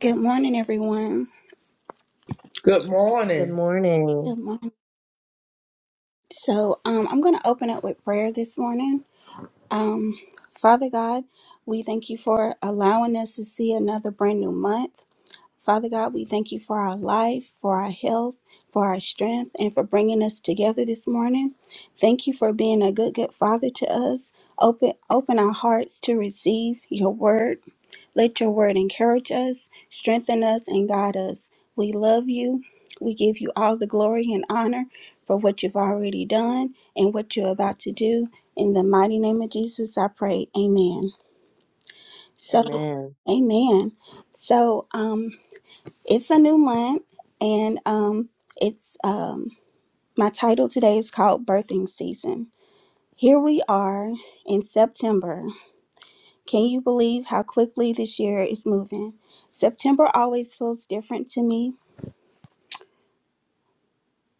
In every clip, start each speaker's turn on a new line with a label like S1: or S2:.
S1: Good morning, everyone.
S2: Good
S3: Good
S2: morning.
S3: morning.
S1: Good morning. So, um, I'm going to open up with prayer this morning. Um, Father God, we thank you for allowing us to see another brand new month. Father God, we thank you for our life, for our health, for our strength, and for bringing us together this morning. Thank you for being a good, good Father to us. Open, open our hearts to receive your word. Let your word encourage us, strengthen us, and guide us. We love you. We give you all the glory and honor for what you've already done and what you're about to do. In the mighty name of Jesus, I pray. Amen. So,
S3: Amen.
S1: amen. So, um, it's a new month, and um, it's um, my title today is called Birthing Season. Here we are in September. Can you believe how quickly this year is moving? September always feels different to me.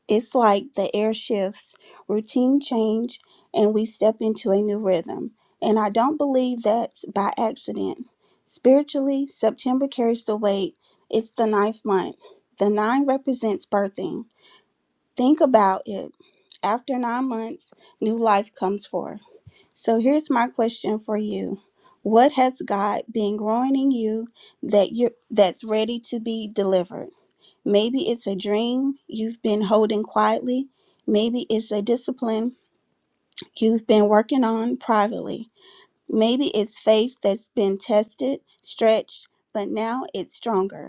S1: It's like the air shifts, routine change, and we step into a new rhythm. And I don't believe that's by accident. Spiritually, September carries the weight. It's the ninth month. The nine represents birthing Think about it. After nine months, new life comes forth. So here's my question for you. What has God been growing in you that you are that's ready to be delivered? Maybe it's a dream you've been holding quietly. Maybe it's a discipline you've been working on privately. Maybe it's faith that's been tested, stretched, but now it's stronger.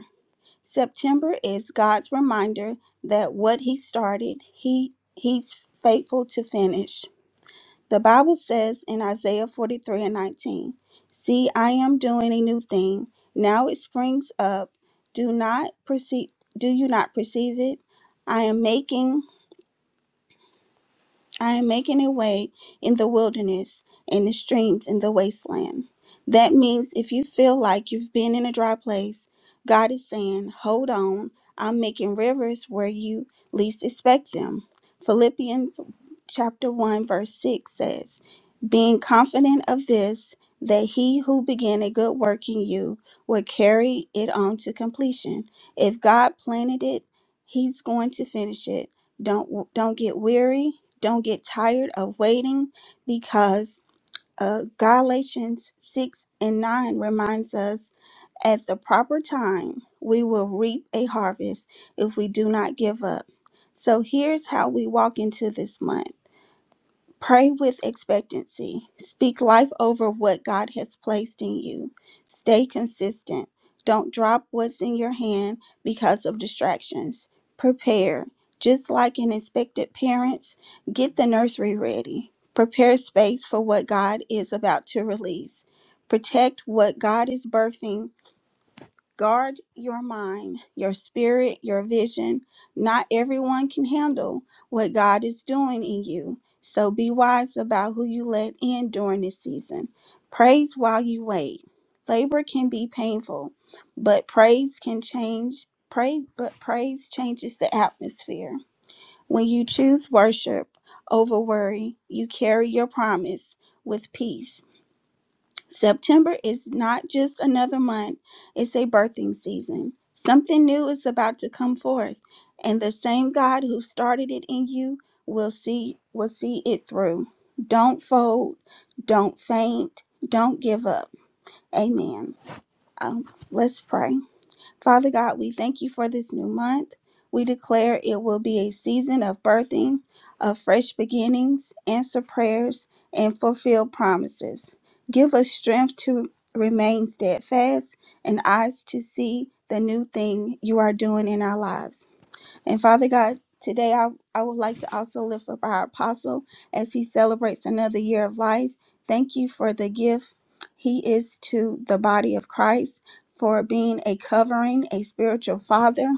S1: September is God's reminder that what he started, he he's faithful to finish. The Bible says in Isaiah 43 and 19, See, I am doing a new thing. Now it springs up. Do not perceive do you not perceive it? I am making I am making a way in the wilderness and the streams in the wasteland. That means if you feel like you've been in a dry place, God is saying, Hold on, I'm making rivers where you least expect them. Philippians chapter 1, verse 6 says, Being confident of this, that he who began a good work in you will carry it on to completion. If God planted it, he's going to finish it. Don't don't get weary. Don't get tired of waiting, because uh, Galatians six and nine reminds us at the proper time we will reap a harvest if we do not give up. So here's how we walk into this month. Pray with expectancy. Speak life over what God has placed in you. Stay consistent. Don't drop what's in your hand because of distractions. Prepare. Just like an expected parents, get the nursery ready. Prepare space for what God is about to release. Protect what God is birthing Guard your mind, your spirit, your vision. Not everyone can handle what God is doing in you. So be wise about who you let in during this season. Praise while you wait. Labor can be painful, but praise can change. Praise, but praise changes the atmosphere. When you choose worship over worry, you carry your promise with peace. September is not just another month, it's a birthing season. Something new is about to come forth, and the same God who started it in you will see will see it through. Don't fold, don't faint, don't give up. Amen. Um, let's pray. Father God, we thank you for this new month. We declare it will be a season of birthing, of fresh beginnings, answer prayers, and fulfill promises. Give us strength to remain steadfast and eyes to see the new thing you are doing in our lives. And Father God, today I, I would like to also lift up our apostle as he celebrates another year of life. Thank you for the gift he is to the body of Christ, for being a covering, a spiritual father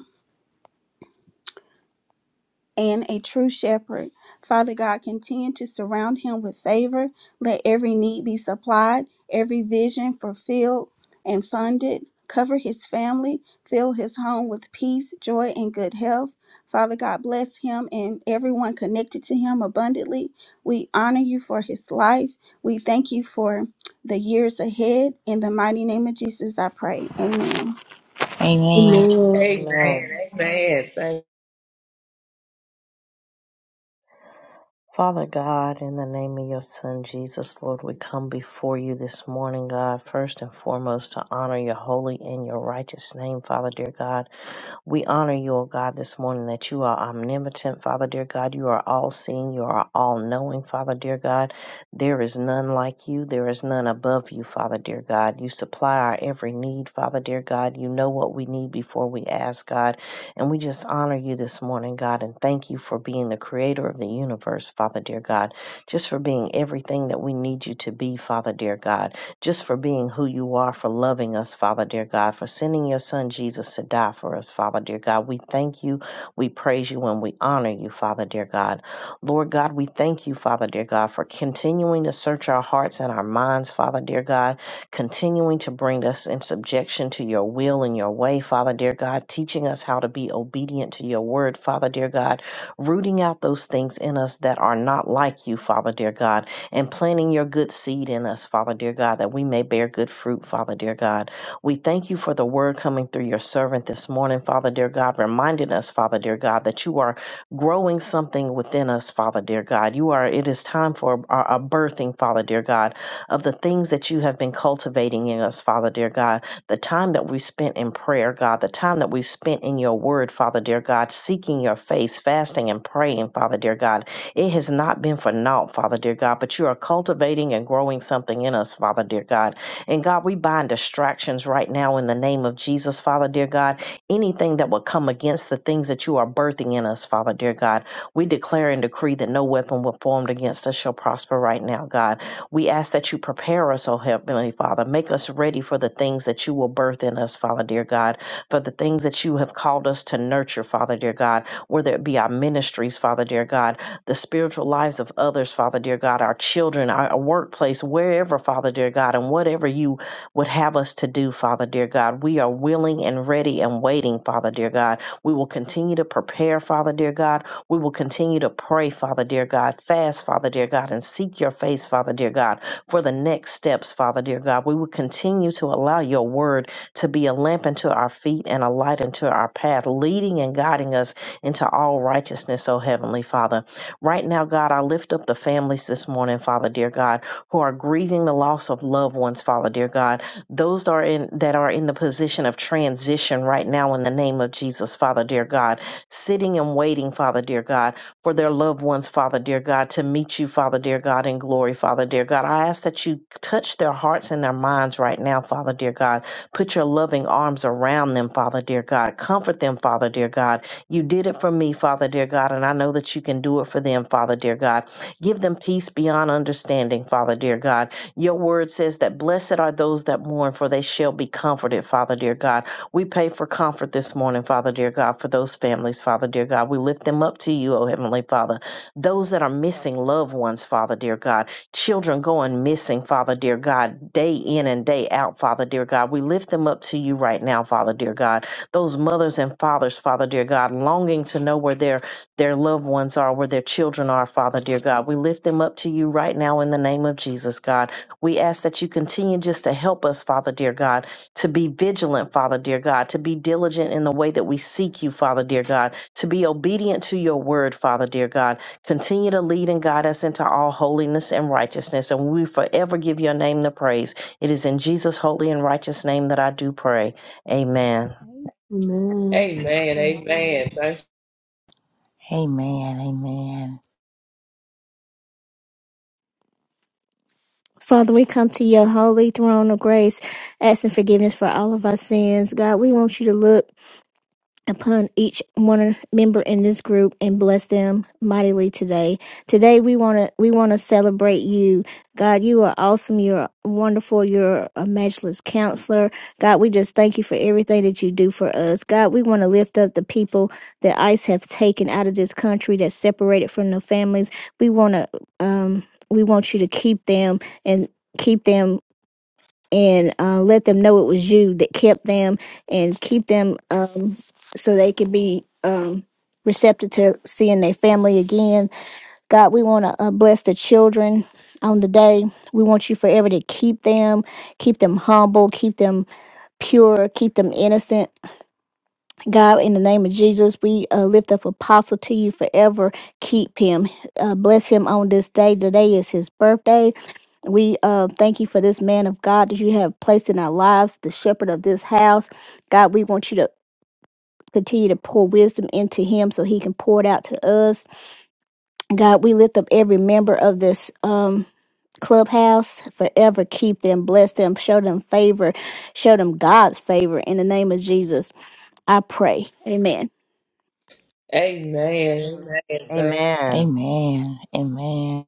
S1: and a true shepherd. Father God, continue to surround him with favor. Let every need be supplied, every vision fulfilled and funded. Cover his family, fill his home with peace, joy, and good health. Father God, bless him and everyone connected to him abundantly. We honor you for his life. We thank you for the years ahead. In the mighty name of Jesus, I pray. Amen.
S4: Amen.
S5: Amen.
S2: Amen.
S3: Amen.
S2: Amen. Thank.
S3: Father God, in the name of your Son Jesus, Lord, we come before you this morning, God, first and foremost to honor your holy and your righteous name, Father dear God. We honor you, O God, this morning that you are omnipotent, Father dear God. You are all seeing, you are all knowing, Father dear God. There is none like you, there is none above you, Father dear God. You supply our every need, Father dear God. You know what we need before we ask, God. And we just honor you this morning, God, and thank you for being the creator of the universe, Father dear God. Just for being everything that we need you to be, Father dear God just for being who you are, for loving us, Father dear God, for sending your son Jesus to die for us, Father dear God. We thank you, we praise you, and we honor you, Father dear God. Lord God, we thank you, Father dear God, for continuing to search our hearts and our minds, Father dear God, continuing to bring us in subjection to your will and your way, Father dear God, teaching us how to be obedient to your word, Father dear God, rooting out those things in us that are not like you, Father dear God and planting your good seed in us, Father dear God, that we may bear good fruit, Father dear God. We thank you for the word coming through your servant this morning, Father dear God, reminding us, Father dear God, that you are growing something within us, Father dear God. You are, it is time for a, a birthing, Father dear God, of the things that you have been cultivating in us, Father dear God. The time that we spent in prayer, God, the time that we spent in your word, Father dear God, seeking your face, fasting and praying, Father dear God it has not been for naught, Father dear God, but you are cultivating and growing something in us, Father dear God. And God, we bind distractions right now in the name of Jesus, Father dear God. Anything that would come against the things that you are birthing in us, Father dear God, we declare and decree that no weapon will formed against us shall prosper right now, God. We ask that you prepare us, O Heavenly Father. Make us ready for the things that you will birth in us, Father dear God, for the things that you have called us to nurture, Father dear God, whether it be our ministries, Father dear God, the spiritual lives of others, Father dear God, our children, our our workplace, wherever, Father dear God, and whatever you would have us to do, Father dear God. We are willing and ready and waiting, Father dear God. We will continue to prepare, Father dear God. We will continue to pray, Father dear God, fast, Father dear God, and seek your face, Father dear God, for the next steps, Father dear God. We will continue to allow your word to be a lamp unto our feet and a light unto our path, leading and guiding us into all righteousness, O Heavenly Father. Right now, God, I lift up the families this morning, Father dear God, who are grieving the loss of loved ones, Father dear God. Those that are in that are in the position of transition right now in the name of Jesus, Father dear God, sitting and waiting, Father dear God, for their loved ones, Father dear God, to meet you, Father dear God, in glory, Father dear God. I ask that you touch their hearts and their minds right now, Father dear God. Put your loving arms around them, Father dear God. Comfort them, Father dear God you did it for me, Father dear God, and I know that you can do it for them, Father dear God. Give them peace beyond understanding, Father dear God. Your word says that blessed are those that mourn, for they shall be comforted, Father dear God. We pray for comfort this morning, Father dear God, for those families, Father dear God. We lift them up to you, O Heavenly Father. Those that are missing loved ones, Father dear God. Children going missing, Father dear God, day in and day out, Father dear God. We lift them up to you right now, Father dear God those mothers and fathers, Father dear God, longing to know where their their loved ones are, where their children are, Father dear God. We lift them up to you right now in the name of Jesus, God. We ask that you continue just to help us, Father dear God, to be vigilant, Father dear God, to be diligent in the way that we seek you, Father dear God, to be obedient to your word, Father dear God. Continue to lead and guide us into all holiness and righteousness, and we forever give your name the praise. It is in Jesus' holy and righteous name that I do pray. Amen.
S5: Amen.
S2: Amen. Amen. Thank.
S4: Amen. Amen.
S6: Father, we come to your holy throne of grace, asking forgiveness for all of our sins. God, we want you to look upon each one member in this group and bless them mightily today. Today we want to we want to celebrate you. God, you are awesome. You're wonderful. You're a matchless counselor. God, we just thank you for everything that you do for us. God, we want to lift up the people that ICE have taken out of this country that's separated from their families. We want to um we want you to keep them and keep them and uh, let them know it was you that kept them and keep them um, so they could be um, receptive to seeing their family again. God, we want to uh, bless the children on the day. We want you forever to keep them, keep them humble, keep them pure, keep them innocent. God, in the name of Jesus, we uh, lift up Apostle to you forever. Keep him. Uh, bless him on this day. Today is his birthday we uh, thank you for this man of God that you have placed in our lives, the shepherd of this house. God, we want you to continue to pour wisdom into him so he can pour it out to us. God, we lift up every member of this um, clubhouse forever. Keep them, bless them, show them favor, show them God's favor in the name of Jesus. I pray. Amen.
S2: Amen. Amen. Thank.
S3: Amen.
S4: Amen. Amen.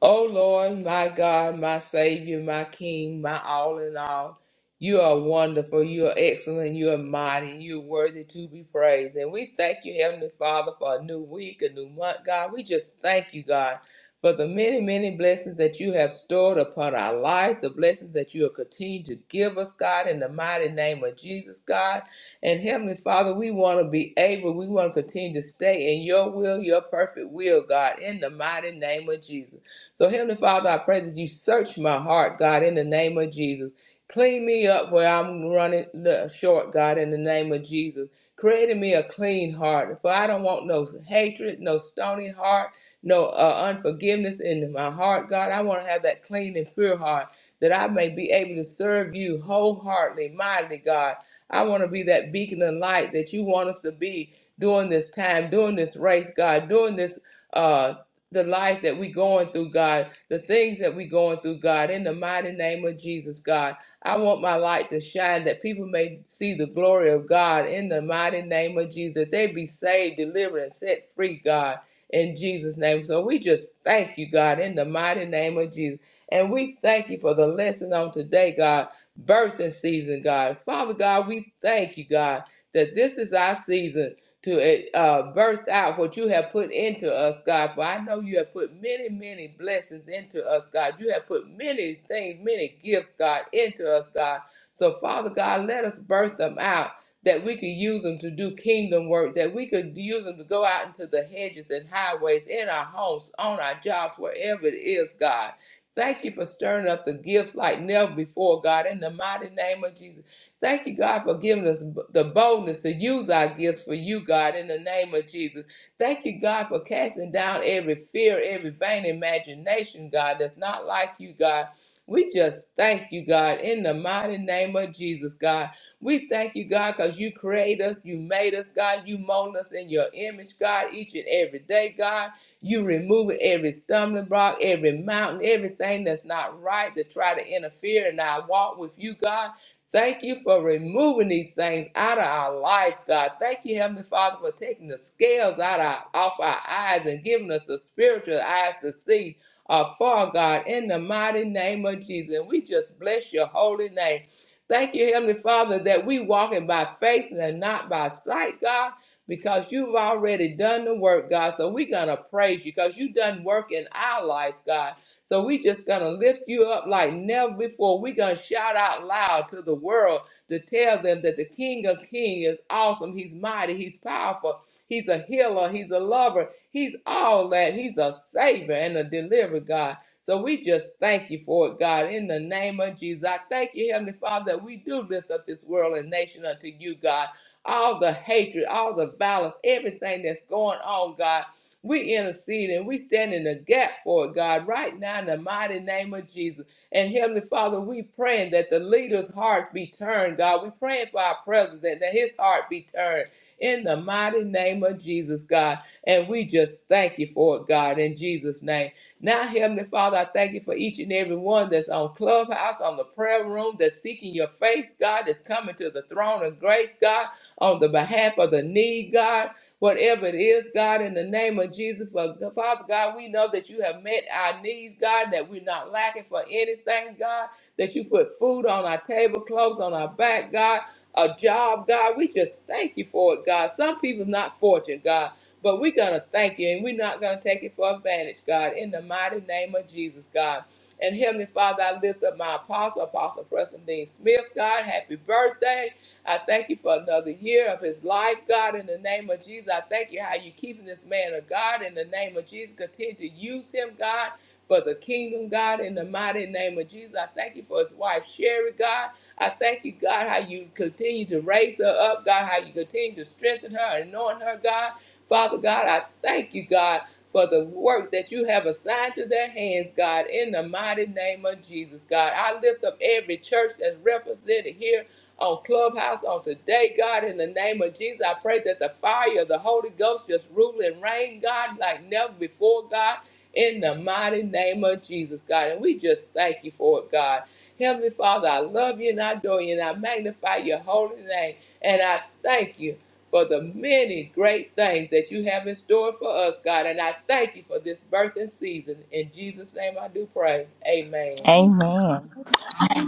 S2: O Lord, my God, my Savior, my King, my all in all, you are wonderful, you are excellent, you are mighty, you are worthy to be praised. And we thank you, Heavenly Father, for a new week, a new month, God. We just thank you, God, for the many, many blessings that you have stored upon our life, the blessings that you will continue to give us, God, in the mighty name of Jesus, God. And Heavenly Father, we want to be able, we want to continue to stay in your will, your perfect will, God, in the mighty name of Jesus. So, Heavenly Father, I pray that you search my heart, God, in the name of Jesus. Clean me up where I'm running the short, God, in the name of Jesus. Create in me a clean heart, for I don't want no hatred, no stony heart, no uh, unforgiveness in my heart, God. I want to have that clean and pure heart that I may be able to serve you wholeheartedly, mightily, God. I want to be that beacon of light that you want us to be during this time, during this race, God, during this. Uh, the life that we going through, God, the things that we going through, God, in the mighty name of Jesus, God. I want my light to shine that people may see the glory of God in the mighty name of Jesus. That they be saved, delivered, and set free, God, in Jesus' name. So we just thank you, God, in the mighty name of Jesus. And we thank you for the lesson on today, God, birthing season, God. Father God, we thank you, God, that this is our season to uh, uh, birth out what you have put into us, God. For I know you have put many, many blessings into us, God. You have put many things, many gifts, God, into us, God. So, Father God, let us birth them out that we could use them to do kingdom work, that we could use them to go out into the hedges and highways, in our homes, on our jobs, wherever it is, God. Thank you for stirring up the gifts like never before, God, in the mighty name of Jesus. Thank you, God, for giving us the boldness to use our gifts for you, God, in the name of Jesus. Thank you, God, for casting down every fear, every vain imagination, God, that's not like you, God. We just thank you, God, in the mighty name of Jesus, God. We thank you, God, because you create us, you made us, God. You mold us in your image, God, each and every day, God. You remove every stumbling block, every mountain, everything that's not right to try to interfere in our walk with you, God. Thank you for removing these things out of our lives, God. Thank you, Heavenly Father, for taking the scales out of, off our eyes and giving us the spiritual eyes to see afar, God, in the mighty name of Jesus. And we just bless your holy name. Thank you, Heavenly Father, that we walking by faith and not by sight, God, because you've already done the work, God. So we're going to praise you because you done work in our lives, God. So we just gonna lift you up like never before. we gonna shout out loud to the world to tell them that the King of Kings is awesome. He's mighty, he's powerful, he's a healer, he's a lover, he's all that, he's a savior and a deliverer, God. So we just thank you for it, God. In the name of Jesus, I thank you, Heavenly Father, that we do lift up this world and nation unto you, God all the hatred, all the violence, everything that's going on, God. We intercede and we stand in the gap for it, God, right now in the mighty name of Jesus. And Heavenly Father, we praying that the leaders' hearts be turned, God. We praying for our president that his heart be turned in the mighty name of Jesus, God. And we just thank you for it, God, in Jesus' name. Now, Heavenly Father, I thank you for each and every one that's on Clubhouse, on the prayer room, that's seeking your face, God, that's coming to the throne of grace, God, on the behalf of the need, God whatever it is, God, in the name of Jesus. For Father God, we know that you have met our needs, God, that we're not lacking for anything, God, that you put food on our table, clothes on our back, God, a job, God. We just thank you for it, God. Some people's not fortunate, God. But we're going to thank you and we're not going to take it for advantage, God, in the mighty name of Jesus, God. And Heavenly Father, I lift up my apostle, Apostle Preston Dean Smith, God. Happy birthday. I thank you for another year of his life, God, in the name of Jesus. I thank you how you are keeping this man of God in the name of Jesus. Continue to use him, God, for the kingdom, God, in the mighty name of Jesus. I thank you for his wife, Sherry, God. I thank you, God, how you continue to raise her up, God, how you continue to strengthen her, anoint her, God. Father God, I thank you, God, for the work that you have assigned to their hands, God, in the mighty name of Jesus, God. I lift up every church that's represented here on Clubhouse on today, God, in the name of Jesus. I pray that the fire of the Holy Ghost just rule and reign, God, like never before, God, in the mighty name of Jesus, God. And we just thank you for it, God. Heavenly Father, I love you and I adore you and I magnify your holy name. And I thank you for the many great things that you have in store for us, God. And I thank you for this birthing season. In Jesus' name I do pray. Amen.
S1: Amen.
S4: Amen.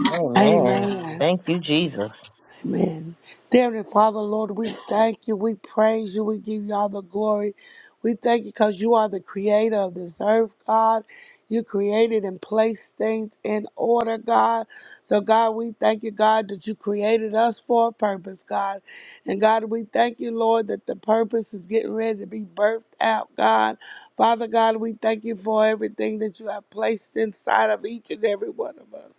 S3: Amen.
S7: Amen.
S3: Thank you, Jesus.
S7: Amen. Dear Heavenly Father, Lord, we thank you. We praise you. We give you all the glory. We thank you because you are the creator of this earth, God. You created and placed things in order, God. So, God, we thank you, God, that you created us for a purpose, God. And, God, we thank you, Lord, that the purpose is getting ready to be birthed out, God. Father, God, we thank you for everything that you have placed inside of each and every one of us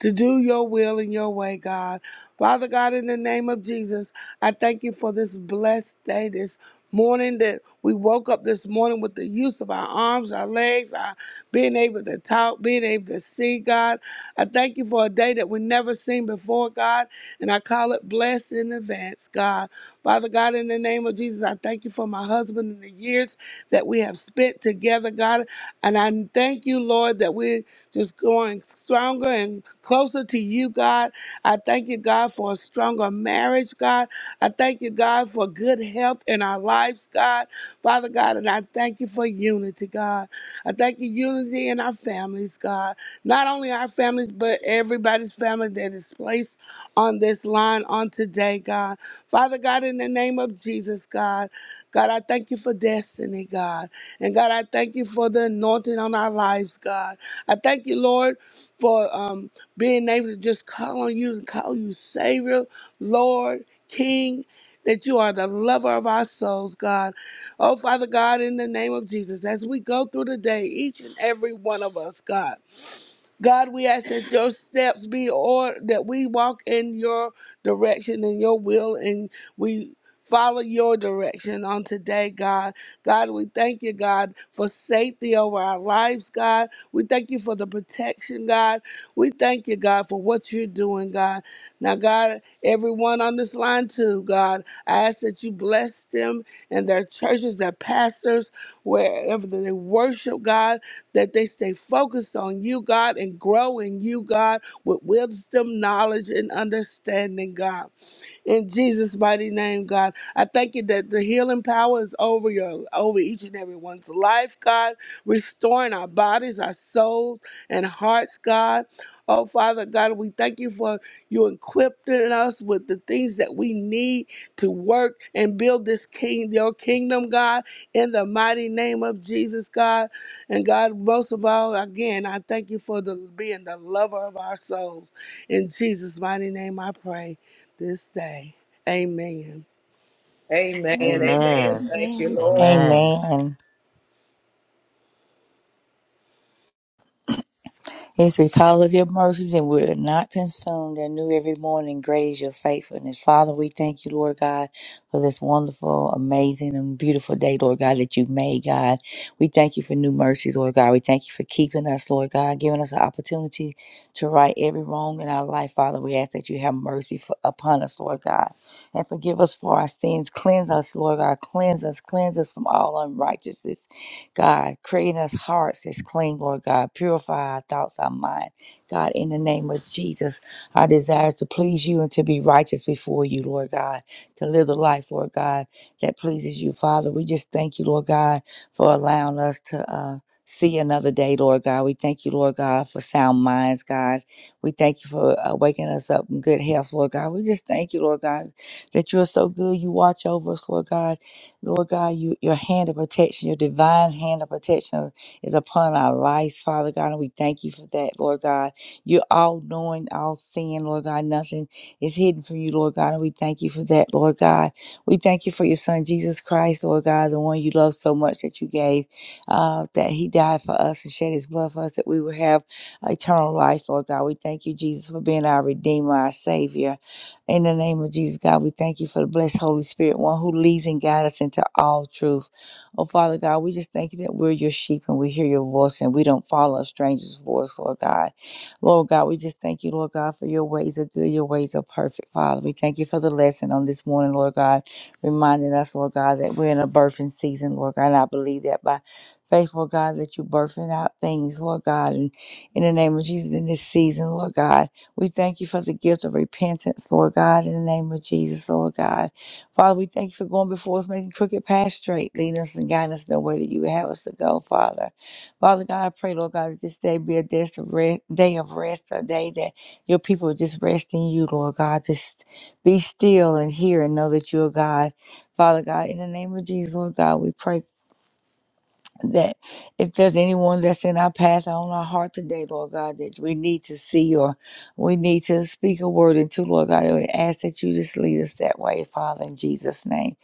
S7: to do your will and your way, God. Father God, in the name of Jesus, I thank you for this blessed day, this morning that we woke up this morning with the use of our arms, our legs, our being able to talk, being able to see, God. I thank you for a day that we never seen before, God, and I call it blessed in advance, God. Father God, in the name of Jesus, I thank you for my husband and the years that we have spent together, God. And I thank you, Lord, that we just growing stronger and closer to you, God. I thank you, God, for a stronger marriage, God. I thank you, God, for good health in our lives, God. Father God, and I thank you for unity, God. I thank you, unity in our families, God. Not only our families, but everybody's family that is placed on this line on today, God. Father God, in the name of Jesus, God. God, I thank you for destiny, God. And God, I thank you for the anointing on our lives, God. I thank you, Lord, for um, being able to just call on you and call you Savior, Lord, King, that you are the lover of our souls, God. Oh, Father God, in the name of Jesus, as we go through the day, each and every one of us, God. God, we ask that your steps be or that we walk in your direction and your will and we follow your direction on today, God. God, we thank you, God, for safety over our lives, God. We thank you for the protection, God. We thank you, God, for what you're doing, God. Now, God, everyone on this line too, God, I ask that you bless them and their churches, their pastors, wherever they worship, God that they stay focused on you, God, and grow in you, God, with wisdom, knowledge, and understanding, God. In Jesus' mighty name, God. I thank you that the healing power is over your over each and every one's life, God, restoring our bodies, our souls, and hearts, God. Oh, Father God, we thank you for you equipping us with the things that we need to work and build this king, your kingdom, God, in the mighty name of Jesus, God. And God, most of all, again, I thank you for the, being the lover of our souls. In Jesus' mighty name, I pray this day. Amen.
S2: Amen. Amen.
S3: Amen.
S2: Thank you,
S1: Amen.
S2: Lord.
S3: Amen.
S4: Amen. Yes, we call of your mercies and we are not consumed. And new every morning, great is your faithfulness. Father, we thank you, Lord God, for this wonderful, amazing, and beautiful day, Lord God, that you made, God. We thank you for new mercies, Lord God. We thank you for keeping us, Lord God, giving us an opportunity to right every wrong in our life, Father. We ask that you have mercy for, upon us, Lord God, and forgive us for our sins. Cleanse us, Lord God. Cleanse us, cleanse us from all unrighteousness. God, creating us hearts that's clean, Lord God. Purify our thoughts, our mind. God, in the name of Jesus, our desires to please you and to be righteous before you, Lord God, to live the life, Lord God, that pleases you, Father. We just thank you, Lord God, for allowing us to uh, see another day, Lord God. We thank you, Lord God, for sound minds, God. We thank you for uh, waking us up in good health, Lord God. We just thank you, Lord God, that you are so good. You watch over us, Lord God. Lord God, you, your hand of protection, your divine hand of protection is upon our lives, Father God, and we thank you for that, Lord God. You're all knowing, all seeing, Lord God. Nothing is hidden from you, Lord God, and we thank you for that, Lord God. We thank you for your Son, Jesus Christ, Lord God, the one you love so much that you gave, uh, that he died for us and shed his blood for us, that we would have eternal life, Lord God. We thank you, Jesus, for being our Redeemer, our Savior. In the name of Jesus, God, we thank you for the blessed Holy Spirit, one who leads and guides us into all truth. Oh, Father God, we just thank you that we're your sheep and we hear your voice and we don't follow a stranger's voice, Lord God. Lord God, we just thank you, Lord God, for your ways are good, your ways are perfect, Father. We thank you for the lesson on this morning, Lord God, reminding us, Lord God, that we're in a birthing season, Lord God. And I believe that by faith, Lord God, that you're birthing out things, Lord God, and in the name of Jesus in this season, Lord God. We thank you for the gift of repentance, Lord God, in the name of Jesus, Lord God. Father, we thank you for going before us, making crooked paths straight, leading us and guiding us in the way that you would have us to go, Father. Father God, I pray, Lord God, that this day be a day of rest, day of rest, a day that your people just rest in you, Lord God. Just be still and hear and know that you are God. Father God, in the name of Jesus, Lord God, we pray that if there's anyone that's in our path or on our heart today, Lord God, that we need to see or we need to speak a word into, Lord God, we ask that you just lead us that way, Father, in Jesus' name.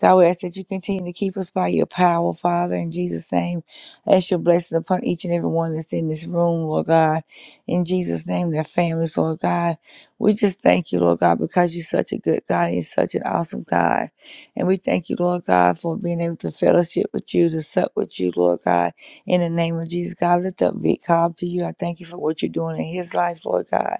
S4: God, we ask that you continue to keep us by your power, Father, in Jesus' name. Ask your blessing upon each and every one that's in this room, Lord God. In Jesus' name, their families, Lord God. We just thank you, Lord God, because you're such a good God and you're such an awesome God. And we thank you, Lord God, for being able to fellowship with you, to sup with you, Lord God. In the name of Jesus, God, lift up Vic Cobb to you. I thank you for what you're doing in his life, Lord God.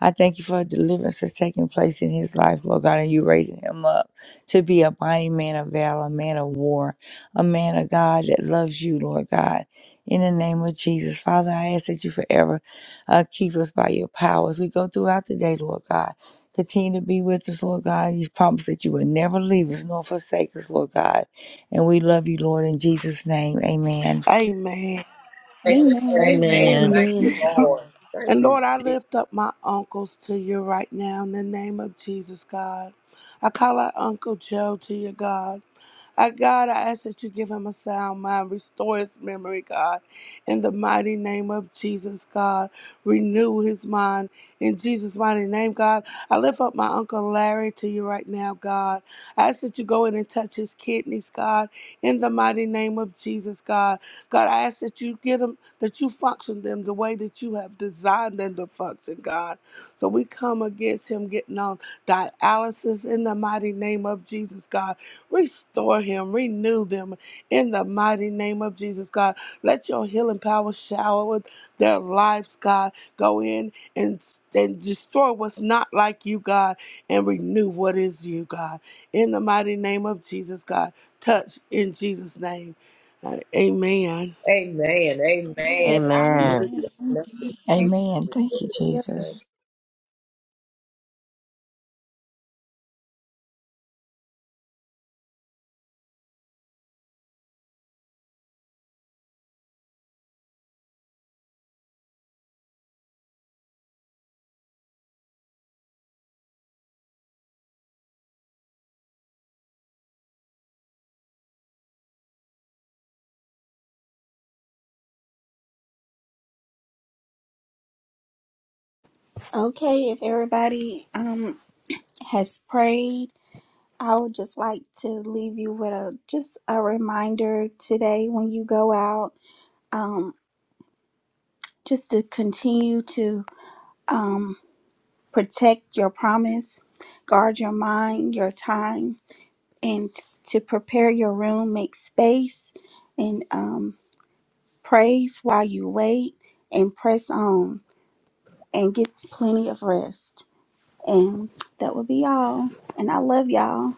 S4: I thank you for deliverance that's taking place in his life, Lord God, and you raising him up to be a mighty man of valor, a man of war, a man of God that loves you, Lord God. In the name of Jesus, Father, I ask that you forever uh, keep us by your power as We go throughout the day, Lord God Continue to be with us, Lord God. You promised that you would never leave us nor forsake us, Lord God. And we love you, Lord, in Jesus' name. Amen.
S7: Amen.
S2: Amen.
S1: Amen.
S2: Amen.
S3: Amen.
S1: Amen.
S2: Thank
S5: Amen.
S2: you, Lord. Thank
S7: And Lord, I
S2: you.
S7: lift up my uncles to you right now in the name of Jesus, God. I call out Uncle Joe to you, God. Uh, God, I ask that you give him a sound mind, restore his memory, God. In the mighty name of Jesus, God, renew his mind. In Jesus' mighty name, God, I lift up my Uncle Larry to you right now, God. I ask that you go in and touch his kidneys, God. In the mighty name of Jesus, God. God, I ask that you get him, that you function them the way that you have designed them to function, God. So we come against him getting on dialysis in the mighty name of Jesus, God. Restore him, renew them in the mighty name of Jesus, God. Let your healing power shower with their lives, God. Go in and, and destroy what's not like you, God, and renew what is you, God. In the mighty name of Jesus, God. Touch in Jesus' name. Uh, amen.
S2: Amen. Amen. I,
S3: Amen.
S1: Amen. Thank
S4: Amen. Thank you,
S1: you.
S4: Jesus.
S1: Okay, if everybody um has prayed, I would just like to leave you with a just a reminder today when you go out, just to continue to um protect your promise, guard your mind, your time, and to prepare your room, make space, and um praise while you wait, and press on, and get plenty of rest. And that would be all. And I love y'all.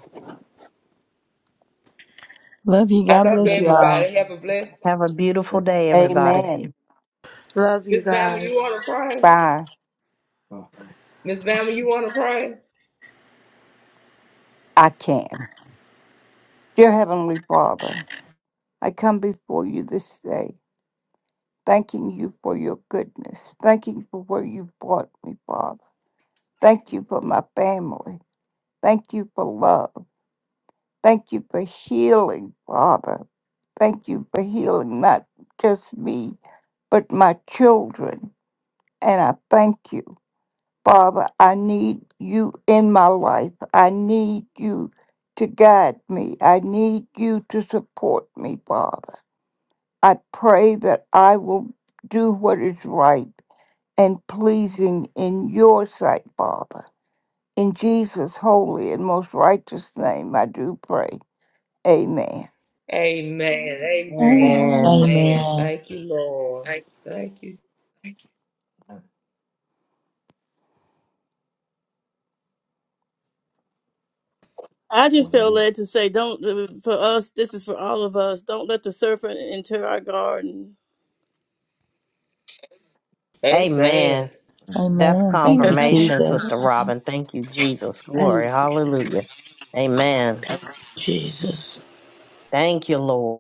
S4: Love you.
S2: I
S4: God
S2: love
S4: bless you all.
S2: everybody.
S3: Amen.
S2: Have a blessed.
S3: Have a beautiful day, everybody.
S8: Amen.
S7: Love you
S2: Miss Bama, you
S7: guys.
S2: want to pray?
S8: By,
S2: Miss Bama, you want to pray?
S8: I can. Dear Heavenly Father, I come before you this day, thanking you for your goodness. Thanking you for where you brought me, Father. Thank you for my family. Thank you for love. Thank you for healing, Father. Thank you for healing not just me, but my children. And I thank you. Father, I need you in my life. I need you to guide me. I need you to support me, Father. I pray that I will do what is right and pleasing in your sight, Father. In Jesus' holy and most righteous name, I do pray. Amen.
S2: Amen. Amen.
S1: Amen.
S3: Amen.
S2: Amen.
S4: Amen.
S2: Thank you, Lord.
S8: Lo-
S2: Thank you.
S9: I just feel led to say, don't uh, for us. This is for all of us. Don't let the serpent enter our garden.
S3: Amen.
S2: Amen.
S3: That's
S4: Amen.
S1: Amen.
S4: Thank you,
S2: Amen.
S3: confirmation, Sister
S4: Jesus.
S3: Robin. Thank you, Jesus.
S7: Amen.
S3: Glory. Hallelujah. Amen.
S7: Jesus.
S3: Thank you, Lord.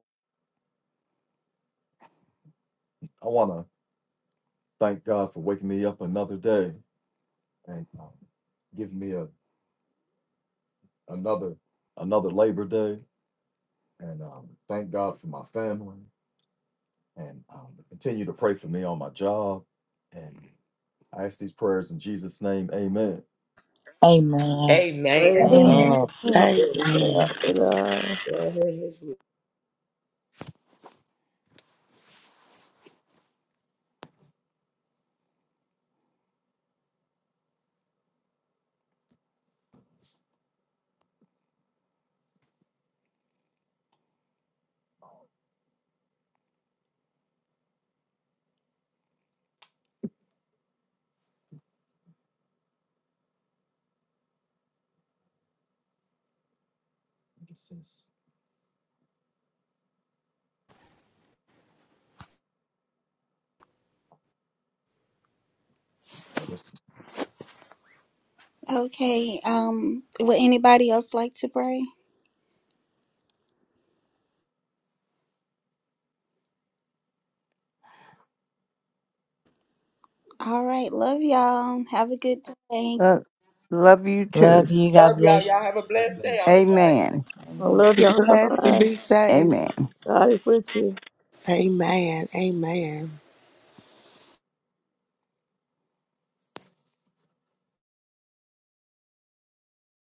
S4: Amen.
S2: Amen.
S9: Amen.
S4: Amen.
S1: Amen.
S3: Amen.
S9: Thank you,
S1: amen.
S9: Lord, for
S2: Yes.
S9: the
S7: Amen.
S9: answer, God.
S2: Go ahead, Miss Wi-
S1: Okay. Um, would anybody else like to pray? All right. Love y'all. Have a good day.
S8: Love love you
S4: Love
S8: too.
S4: you. God
S2: Love y'all.
S4: bless you.
S2: Y'all have a blessed day on today.
S8: Amen.
S9: I
S4: Amen.
S9: love
S7: Be
S9: y'all. Bye
S7: blessed and
S9: bye.
S7: be saved.
S8: Amen.
S9: God is with you.
S7: Amen. Amen.